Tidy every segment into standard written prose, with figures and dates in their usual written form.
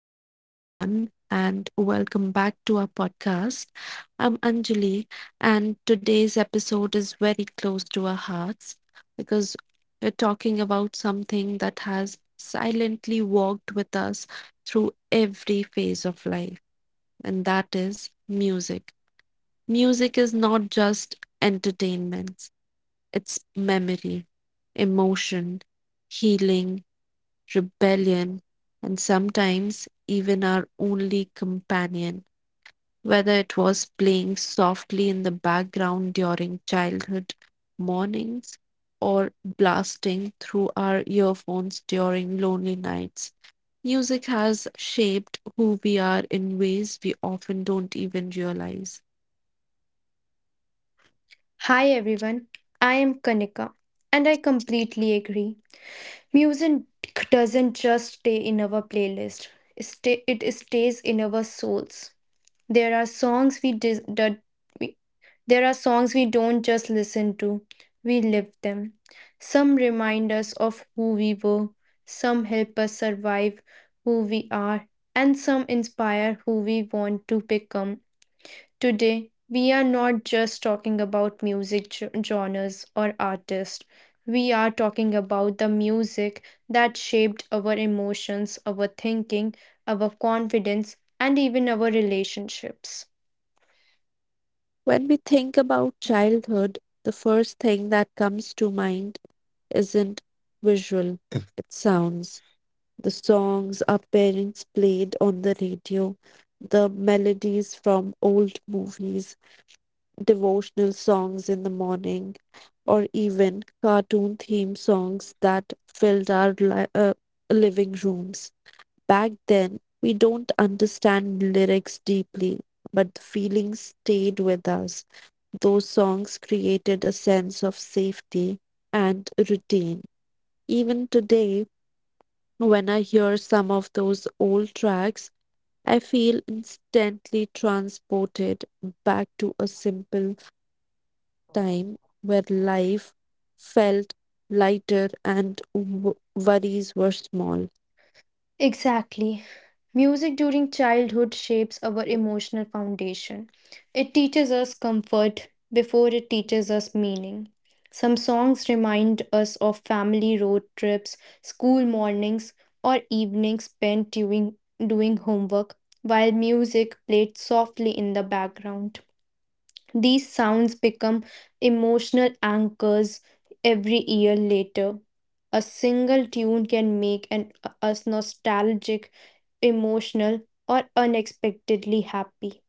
Hello, everyone, and welcome back to our podcast. I'm Anjali, and today's episode is very close to our hearts because we're talking about something that has silently walked with us through every phase of life, and that is music. Music is not just entertainment, it's memory, emotion, healing, rebellion, and sometimes even our only companion, whether it was playing softly in the background during childhood mornings or blasting through our earphones during lonely nights. Music has shaped who we are in ways we often don't even realize. Hi everyone, I am Kanika and I completely agree. Music doesn't just stay in our playlist, it stays in our souls. There are songs we, dis- that we there are songs we don't just listen to, we live them. Some remind us of who we were, some help us survive who we are, and some inspire who we want to become. Today, we are not just talking about music genres or artists. We are talking about the music that shaped our emotions, our thinking, our confidence, and even our relationships. When we think about childhood, the first thing that comes to mind isn't visual, it sounds. The songs our parents played on the radio, the melodies from old movies, devotional songs in the morning, or even cartoon theme songs that filled our living rooms. Back then, we don't understand lyrics deeply, but the feelings stayed with us. Those songs created a sense of safety and routine. Even today, when I hear some of those old tracks, I feel instantly transported back to a simple time where life felt lighter and worries were small. Exactly. Music during childhood shapes our emotional foundation. It teaches us comfort before it teaches us meaning. Some songs remind us of family road trips, school mornings, or evenings spent doing homework, while music played softly in the background. These sounds become emotional anchors every year later. A single tune can make us nostalgic, emotional, or unexpectedly happy.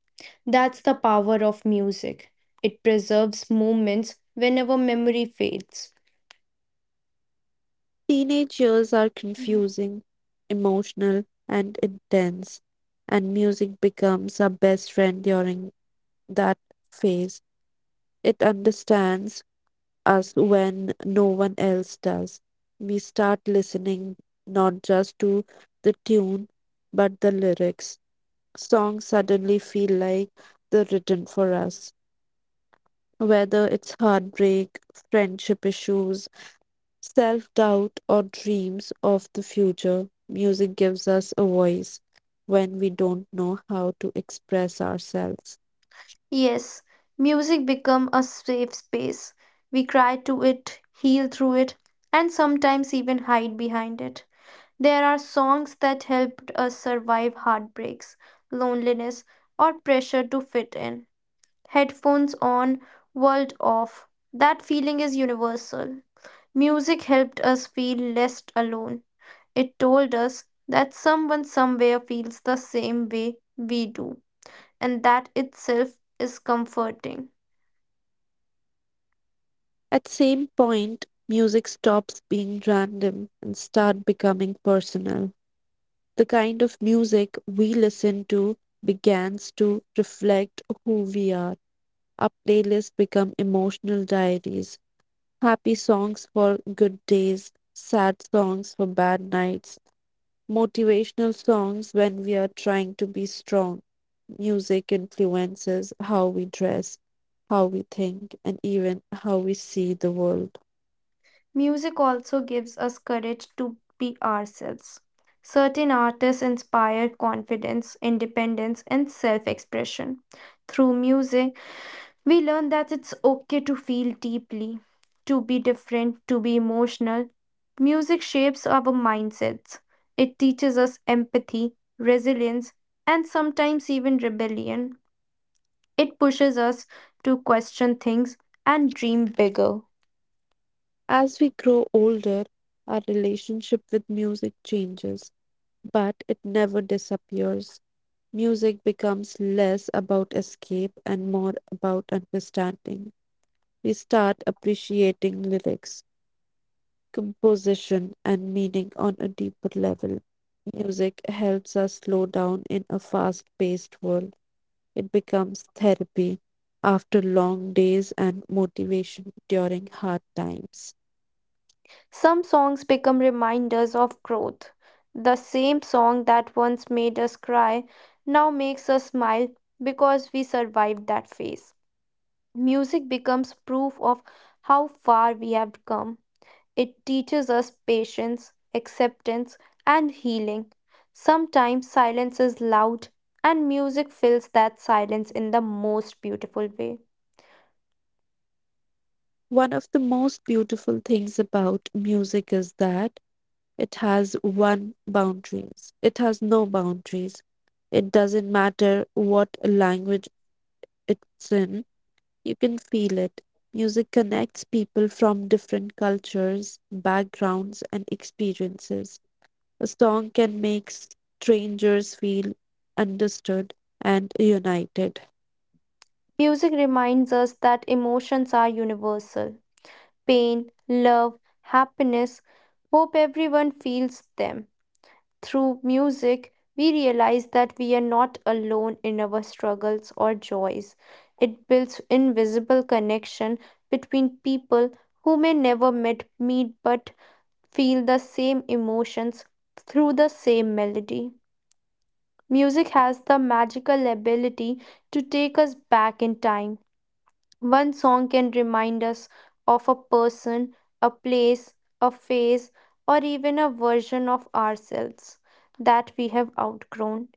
That's the power of music. It preserves moments whenever memory fades. Teenage years are Mhm. confusing, emotional, and intense, and music becomes our best friend during that phase. It understands us when no one else does. We start listening not just to the tune, but the lyrics. Songs suddenly feel like they're written for us, whether it's heartbreak, friendship issues, self doubt, or dreams of the future, music gives us a voice when we don't know how to express ourselves. Yes, music become a safe space. We cry to it, heal through it, and sometimes even hide behind it. There are songs that helped us survive heartbreaks, loneliness, or pressure to fit in. Headphones on, world off. That feeling is universal. Music helped us feel less alone. It told us that someone somewhere feels the same way we do, and that itself is comforting. At same point, music stops being random and start becoming personal. The kind of music we listen to begins to reflect who we are. Our playlists become emotional diaries, happy songs for good days, sad songs for bad nights, motivational songs when we are trying to be strong. Music influences how we dress, how we think, and even how we see the world. Music also gives us courage to be ourselves. Certain artists inspire confidence, independence, and self expression. Through music, we learn that it's okay to feel deeply, to be different, to be emotional. Music shapes our mindsets. It teaches us empathy, resilience, and sometimes even rebellion. It pushes us to question things and dream bigger. As we grow older, our relationship with music changes, but it never disappears. Music becomes less about escape and more about understanding. We start appreciating lyrics, composition and meaning on a deeper level. Music helps us slow down in a fast paced world. It becomes therapy after long days and motivation during hard times. Some songs become reminders of growth. The same song that once made us cry now makes us smile because we survived that phase. Music becomes proof of how far we have come. It teaches us patience, acceptance, and healing. Sometimes silence is loud, and music fills that silence in the most beautiful way. One of the most beautiful things about music is that it has one boundaries. It has no boundaries. It doesn't matter what language it's in, you can feel it. Music connects people from different cultures, backgrounds, and experiences. A song can make strangers feel understood and united. Music reminds us that emotions are universal pain, love, happiness. Hope everyone feels them. Through music, we realize that we are not alone in our struggles or joys. It builds invisible connection between people who may never met meet but feel the same emotions through the same melody. Music has the magical ability to take us back in time. One song can remind us of a person, a place, a phase, or even a version of ourselves that we have outgrown.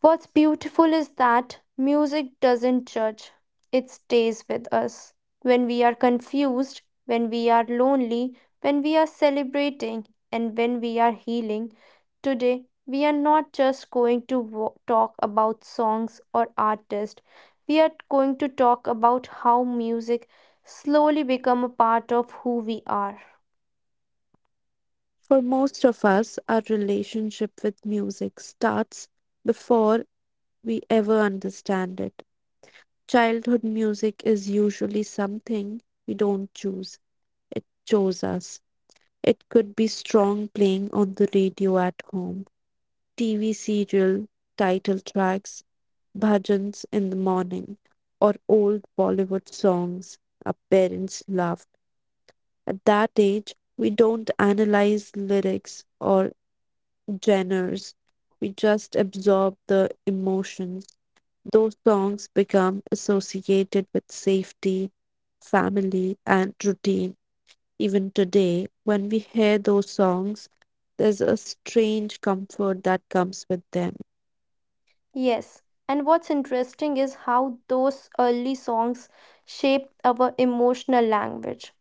What's beautiful is that music doesn't judge, it stays with us. When we are confused, when we are lonely, when we are celebrating, and when we are healing, today we are not just going to talk about songs or artists. We are going to talk about how music slowly become a part of who we are. For most of us, our relationship with music starts before we ever understand it. Childhood music is usually something we don't choose, it chose us. It could be strong playing on the radio at home, TV serial title tracks, bhajans in the morning, or old Bollywood songs our parents loved. At that age, we don't analyze lyrics or genres, we just absorb the emotions. Those songs become associated with safety, family, and routine. Even today, when we hear those songs, there's a strange comfort that comes with them. Yes, and what's interesting is how those early songs shaped our emotional language.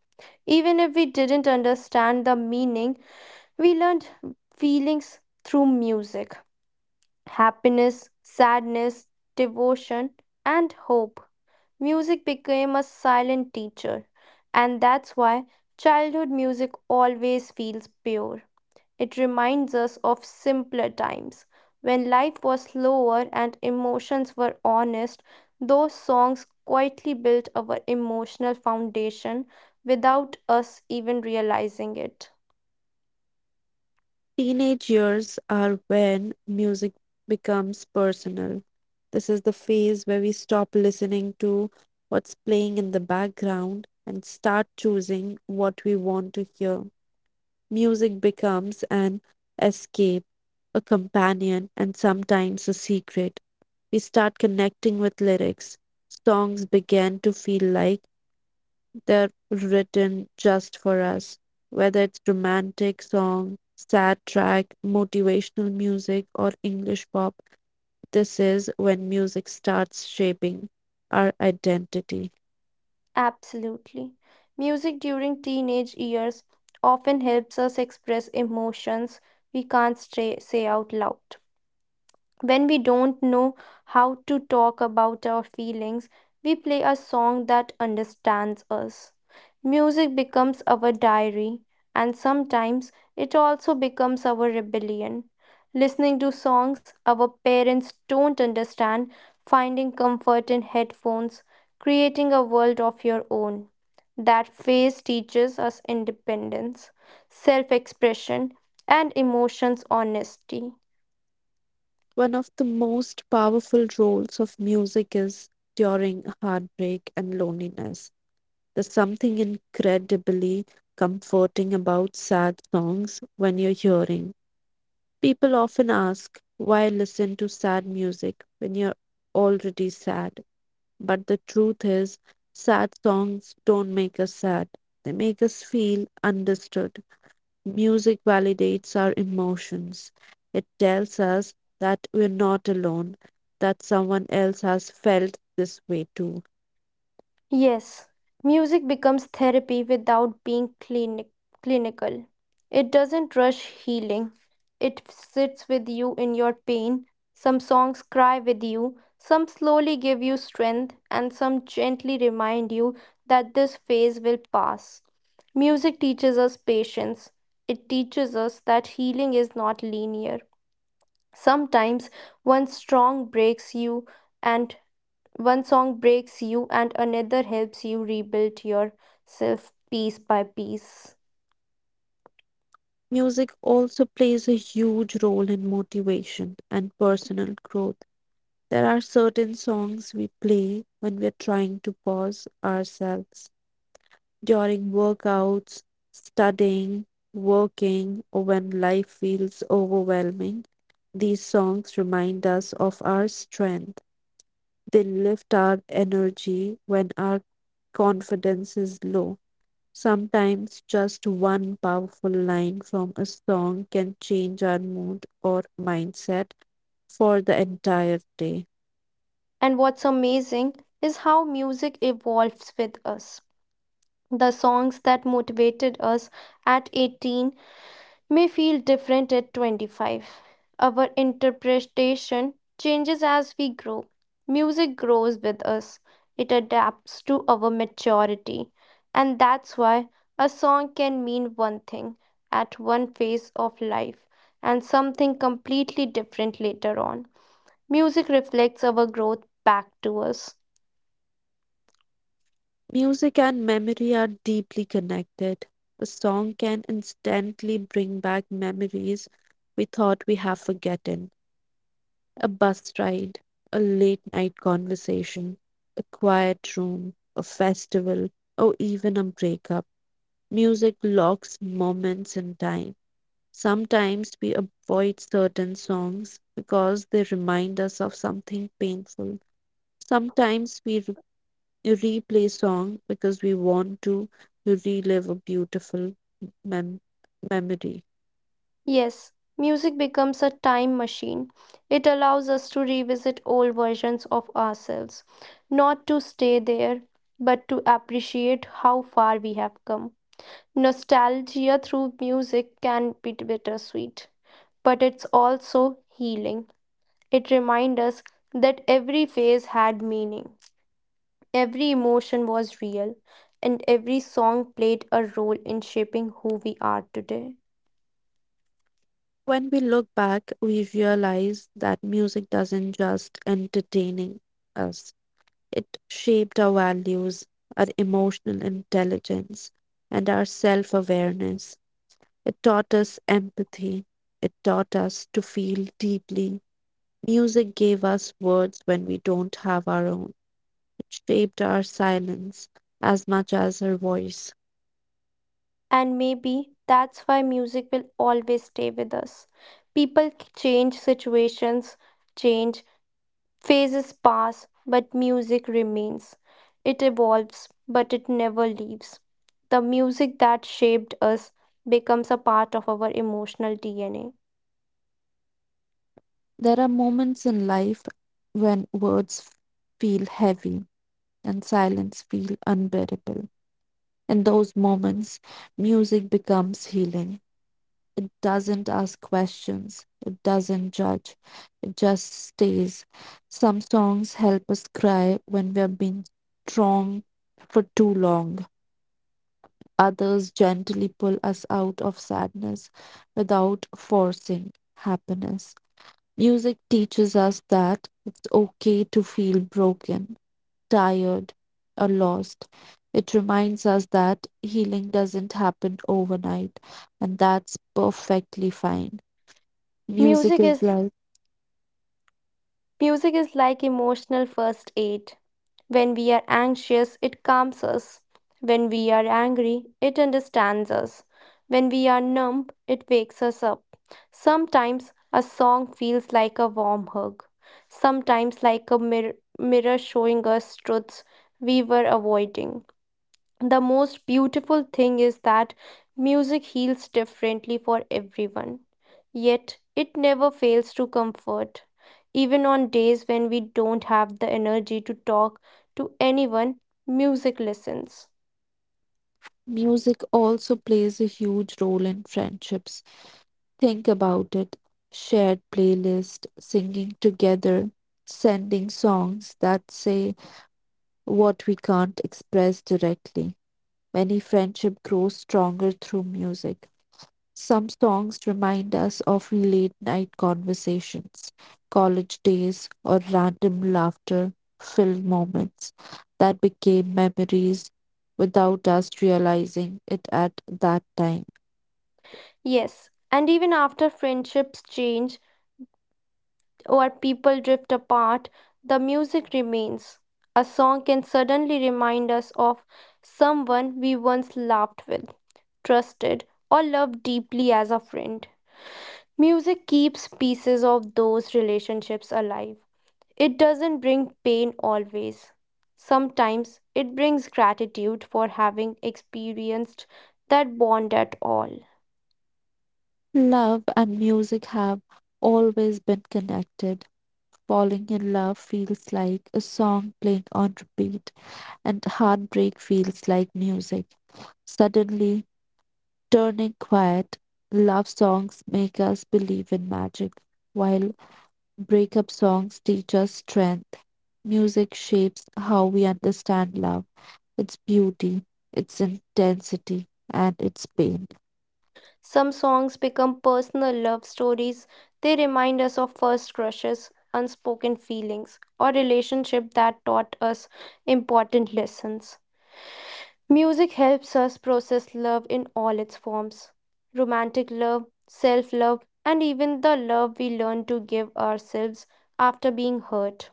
Even if we didn't understand the meaning, we learned feelings through music happiness, sadness, devotion, and hope. Music became a silent teacher, and that's why childhood music always feels pure. It reminds us of simpler times when life was slower and emotions were honest. Those songs quietly built our emotional foundation without us even realizing it. Teenage years are when music becomes personal. This is the phase where we stop listening to what's playing in the background and start choosing what we want to hear. Music becomes an escape, a companion, and sometimes a secret. We start connecting with lyrics. Songs begin to feel like they're written just for us, whether it's romantic song, sad track, motivational music, or English pop. This is when music starts shaping our identity. Absolutely. Music during teenage years often helps us express emotions we can't say out loud. When we don't know how to talk about our feelings, we play a song that understands us. Music becomes our diary, and sometimes it also becomes our rebellion. Listening to songs our parents don't understand, finding comfort in headphones, creating a world of your own. That phase teaches us independence, self expression, and emotions honesty. One of the most powerful roles of music is during heartbreak and loneliness. There's something incredibly comforting about sad songs when you're hearing. People often ask, why listen to sad music when you're already sad? But the truth is, sad songs don't make us sad. They make us feel understood. Music validates our emotions. It tells us that we're not alone, that someone else has felt this way too. Yes, music becomes therapy without being clinical. It doesn't rush healing, it sits with you in your pain. Some songs cry with you, some slowly give you strength, and some gently remind you that this phase will pass. Music teaches us patience, it teaches us that healing is not linear. Sometimes one strong breaks you, and one song breaks you, and another helps you rebuild yourself piece by piece. Music also plays a huge role in motivation and personal growth. There are certain songs we play when we're trying to pause ourselves during workouts, studying, working, or when life feels overwhelming. These songs remind us of our strength. They lift our energy when our confidence is low. Sometimes just one powerful line from a song can change our mood or mindset for the entire day. And what's amazing is how music evolves with us. The songs that motivated us at 18 may feel different at 25. Our interpretation changes as we grow. Music grows with us, it adapts to our maturity. And that's why a song can mean one thing at one phase of life and something completely different later on. Music reflects our growth back to us. Music and memory are deeply connected. A song can instantly bring back memories we thought we have forgotten. A bus ride, a late night conversation, a quiet room, a festival, or even a breakup. Music locks moments in time. Sometimes we avoid certain songs because they remind us of something painful. Sometimes we, you replay song because we want to. You relive a beautiful mem- memory. Yes, music becomes a time machine. It allows us to revisit old versions of ourselves, not to stay there, but to appreciate how far we have come. Nostalgia through music can be bittersweet, but it's also healing. It reminds us that every phase had meaning, every emotion was real, and every song played a role in shaping who we are today. When we look back, we realize that music doesn't just entertaining us. It shaped our values, our emotional intelligence, and our self-awareness. It taught us empathy. It taught us to feel deeply. Music gave us words when we don't have our own. Shaped our silence as much as her voice. And maybe that's why music will always stay with us. People change, situations change, phases pass, but music remains. It evolves, but it never leaves. The music that shaped us becomes a part of our emotional DNA. There are moments in life when words feel heavy and silence feel unbearable. In those moments, music becomes healing. It doesn't ask questions, it doesn't judge, it just stays. Some songs help us cry when we have been strong for too long. Others gently pull us out of sadness without forcing happiness. Music teaches us that it's okay to feel broken, tired, or lost. It reminds us that healing doesn't happen overnight, and that's perfectly fine. Music Music is is like, Music is like emotional first aid. When we are anxious, it calms us. When we are angry, it understands us. When we are numb, it wakes us up. Sometimes a song feels like a warm hug, sometimes like a mirror showing us truths we were avoiding. The most beautiful thing is that music heals differently for everyone, yet it never fails to comfort. Even on days when we don't have the energy to talk to anyone, music listens. music also plays a huge role in friendships. Think about it, shared playlist, singing together, sending songs that say what we can't express directly. Many friendship grows stronger through music. Some songs remind us of late night conversations, college days, or random laughter filled moments that became memories without us realizing it at that time. Yes, and even after friendships change or people drift apart, the music remains. A song can suddenly remind us of someone we once laughed with, trusted, or loved deeply as a friend. Music keeps pieces of those relationships alive. It doesn't bring pain always. Sometimes it brings gratitude for having experienced that bond at all. Love and music have always been connected. Falling in love feels like a song playing on repeat, and heartbreak feels like music. Suddenly, turning quiet, love songs make us believe in magic, while breakup songs teach us strength. Music shapes how we understand love, its beauty, its intensity, and its pain. Some songs become personal love stories. They remind us of first crushes, unspoken feelings, or relationships that taught us important lessons. Music helps us process love in all its forms romantic love, self love, and even the love we learn to give ourselves after being hurt.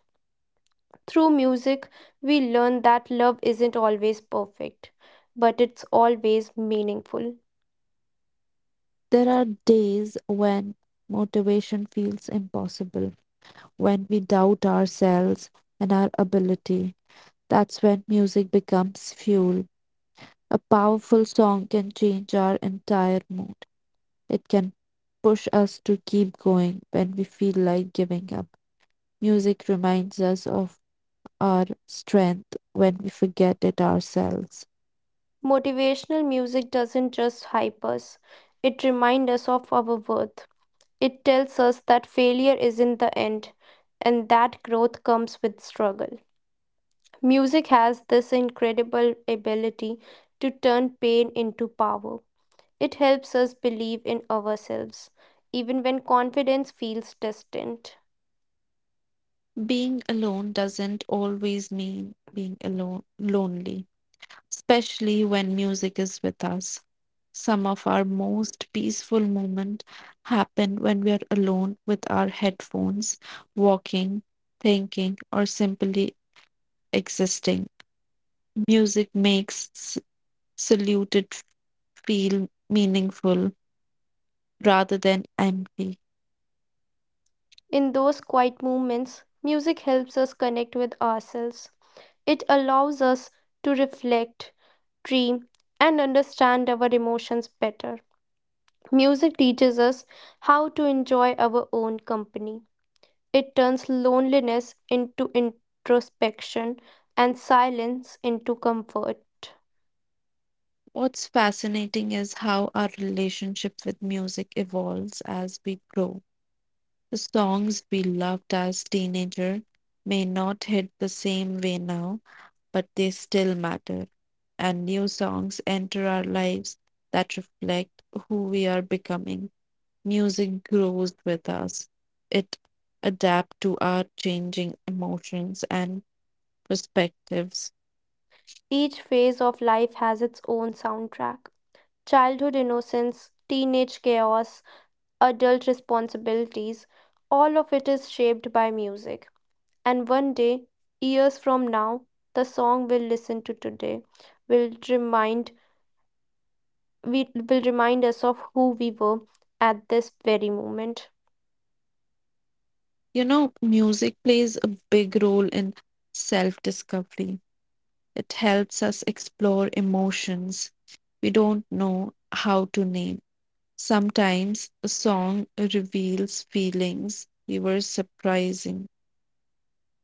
Through music, we learn that love isn't always perfect, but it's always meaningful. There are days when motivation feels impossible, when we doubt ourselves and our ability. That's when music becomes fuel. A powerful song can change our entire mood. It can push us to keep going when we feel like giving up. Music reminds us of our strength when we forget it ourselves. Motivational music doesn't just hype us, it reminds us of our worth. It tells us that failure isn't the end and that growth comes with struggle. Music has this incredible ability to turn pain into power. It helps us believe in ourselves, even when confidence feels distant. Being alone doesn't always mean being alone lonely, especially when music is with us. Some of our most peaceful moments happen when we are alone with our headphones, walking, thinking, or simply existing. Music makes saluted feel meaningful rather than empty. In those quiet moments, music helps us connect with ourselves. It allows us to reflect, dream, and understand our emotions better. Music teaches us how to enjoy our own company. It turns loneliness into introspection and silence into comfort. What's fascinating is how our relationship with music evolves as we grow. The songs we loved as teenager may not hit the same way now, but they still matter. And new songs enter our lives that reflect who we are becoming. Music grows with us. It adapts to our changing emotions and perspectives. Each phase of life has its own soundtrack childhood innocence, teenage chaos, adult responsibilities. All of it is shaped by music. And one day, years from now, the song we'll listen to today will remind we will remind us of who we were at this very moment. You know, music plays a big role in self-discovery. It helps us explore emotions we don't know how to name. Sometimes a song reveals feelings we were surprising.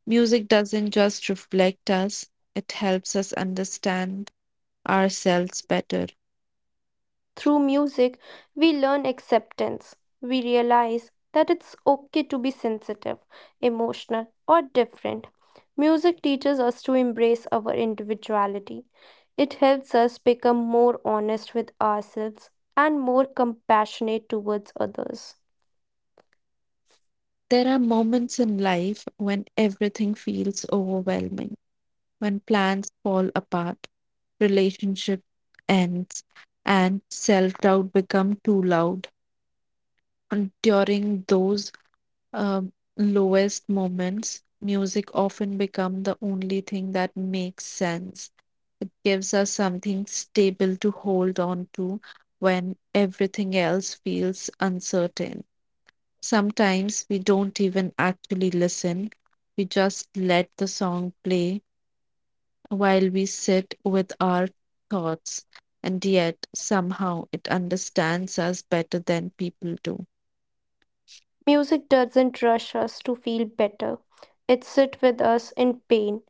Music doesn't just reflect us, it helps us understand ourselves better. Through music, we learn acceptance. We realize that it's okay to be sensitive, emotional, or different. Music teaches us to embrace our individuality. It helps us become more honest with ourselves and more compassionate towards others. There are moments in life when everything feels overwhelming, when plans fall apart, relationship ends, and self doubt become too loud. And during those um, lowest moments, music often become the only thing that makes sense. It gives us something stable to hold on to when everything else feels uncertain. Sometimes we don't even actually listen, we just let the song play while we sit with our thoughts, and yet somehow it understands us better than people do. Music doesn't rush us to feel better. It sits with us in pain.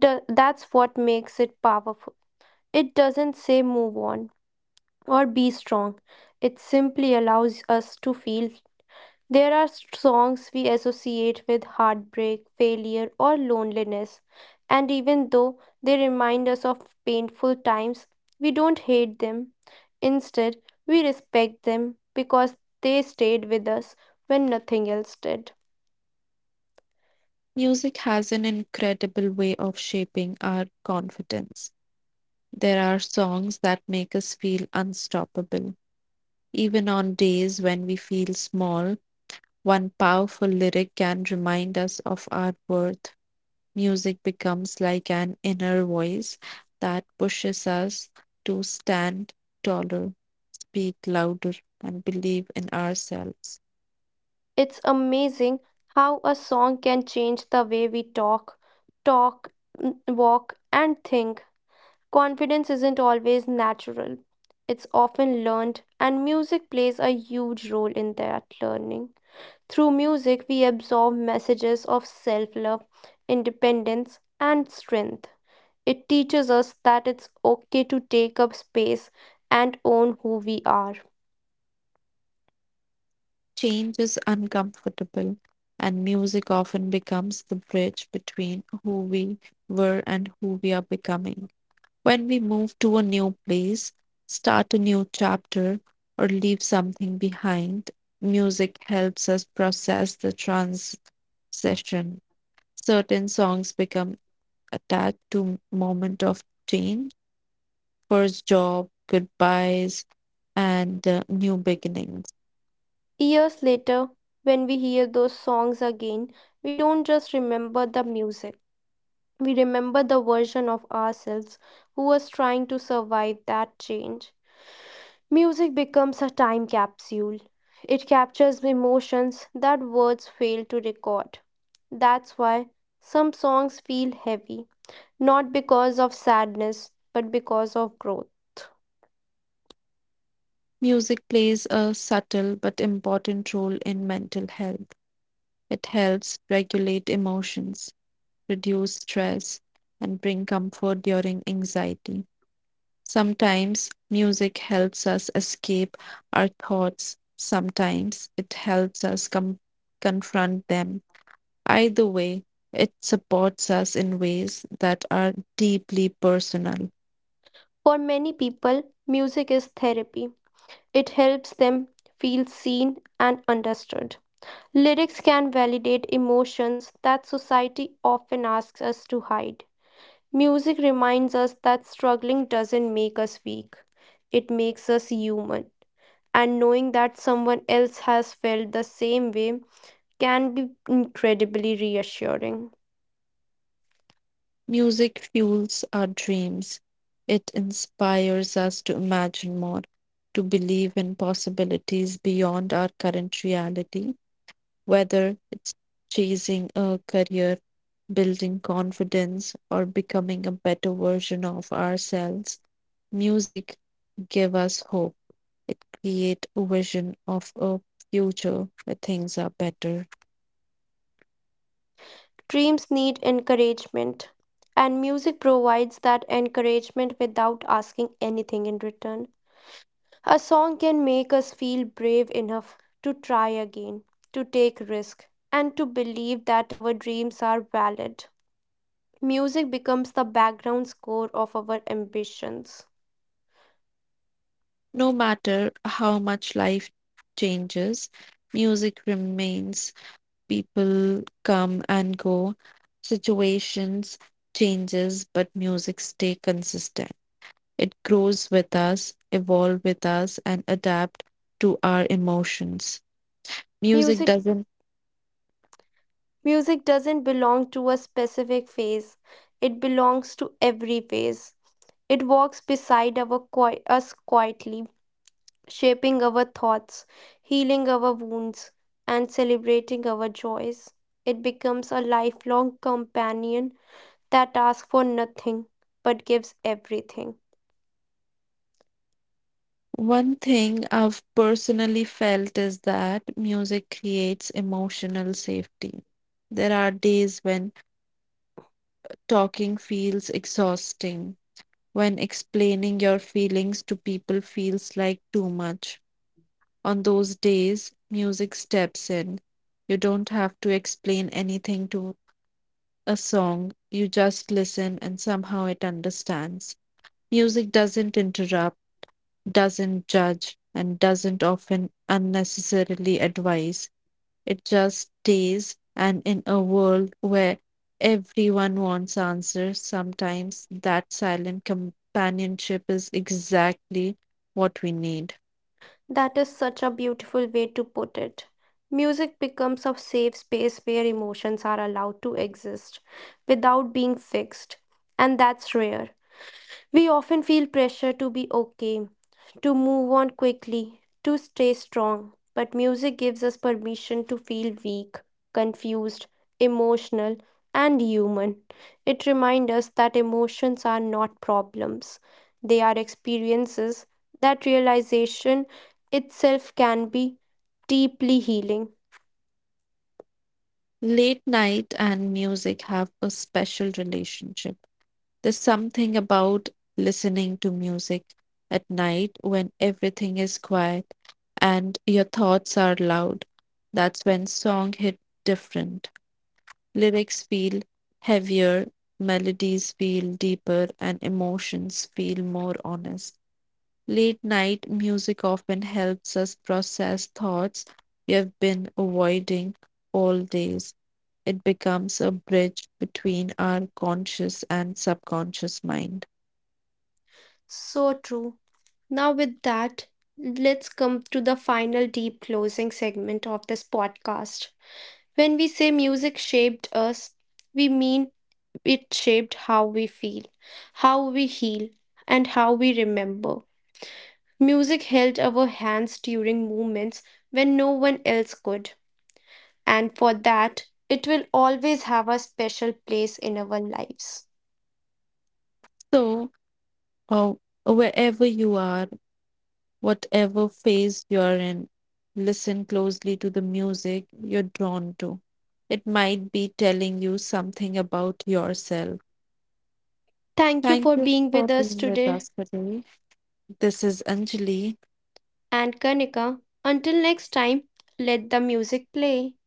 That's what makes it powerful. It doesn't say move on or be strong. It simply allows us to feel. There are songs we associate with heartbreak, failure, or loneliness, and even though they remind us of painful times, we don't hate them. Instead, we respect them because they stayed with us when nothing else did. Music has an incredible way of shaping our confidence. There are songs that make us feel unstoppable. Even on days when we feel small, one powerful lyric can remind us of our worth. Music becomes like an inner voice that pushes us to stand taller, speak louder and believe in ourselves. It's amazing how a song can change the way we talk, talk, walk, and think. Confidence isn't always natural, it's often learned, and music plays a huge role in that learning. Through music, we absorb messages of self love, independence, and strength. It teaches us that it's okay to take up space and own who we are. Change is uncomfortable, and music often becomes the bridge between who we were and who we are becoming. When we move to a new place, start a new chapter, or leave something behind, music helps us process the transition. Certain songs become attached to moment of change, first job, goodbyes, and new beginnings. Years later, when we hear those songs again, we don't just remember the music, we remember the version of ourselves who was trying to survive that change. Music becomes a time capsule. It captures emotions that words fail to record. That's why some songs feel heavy, not because of sadness, but because of growth. Music plays a subtle but important role in mental health. It helps regulate emotions, reduce stress, and bring comfort during anxiety. Sometimes music helps us escape our thoughts, sometimes it helps us confront them. Either way, it supports us in ways that are deeply personal. For many people, music is therapy. It helps them feel seen and understood. Lyrics can validate emotions that society often asks us to hide. Music reminds us that struggling doesn't make us weak, it makes us human. And knowing that someone else has felt the same way can be incredibly reassuring. Music fuels our dreams. It inspires us to imagine more, to believe in possibilities beyond our current reality, whether it's chasing a career, building confidence, or becoming a better version of ourselves. Music give us hope. It creates a vision of a future where things are better. Dreams need encouragement, and music provides that encouragement without asking anything in return. A song can make us feel brave enough to try again, to take risk, and to believe that our dreams are valid. Music becomes the background score of our ambitions. No matter how much life changes, music remains. People come and go, situations changes, but music stay consistent. It grows with us, evolve with us, and adapt to our emotions. Music music doesn't. music doesn't belong to a specific phase, it belongs to every phase. It walks beside us quietly, shaping our thoughts, healing our wounds, and celebrating our joys. It becomes a lifelong companion that asks for nothing but gives everything. One thing I've personally felt is that music creates emotional safety. There are days when talking feels exhausting, when explaining your feelings to people feels like too much. On those days, music steps in. You don't have to explain anything to a song, you just listen and somehow it understands. Music doesn't interrupt, doesn't judge and doesn't often unnecessarily advise. It just stays, and in a world where everyone wants answers, sometimes that silent companionship is exactly what we need. That is such a beautiful way to put it. Music becomes a safe space where emotions are allowed to exist without being fixed, and that's rare. We often feel pressure to be okay, to move on quickly, to stay strong, but music gives us permission to feel weak, confused, emotional, and human. It reminds us that emotions are not problems, they are experiences. That realization itself can be deeply healing. Late night and music have a special relationship. There's something about listening to music at night when everything is quiet and your thoughts are loud. That's when song hit different. Lyrics feel heavier, melodies feel deeper, and emotions feel more honest. Late night music often helps us process thoughts we have been avoiding all days, it becomes a bridge between our conscious and subconscious mind. So true. Now, with that, let's come to the final deep closing segment of this podcast. When we say music shaped us, we mean it shaped how we feel, how we heal, and how we remember. Music held our hands during moments when no one else could, and for that, it will always have a special place in our lives. So, uh, wherever you are, whatever phase you're in, listen closely to the music you're drawn to. It might be telling you something about yourself. Thank you Thank for you being with for us being with today, us today. This is Anjali. and Kanika. Until next time, let the music play.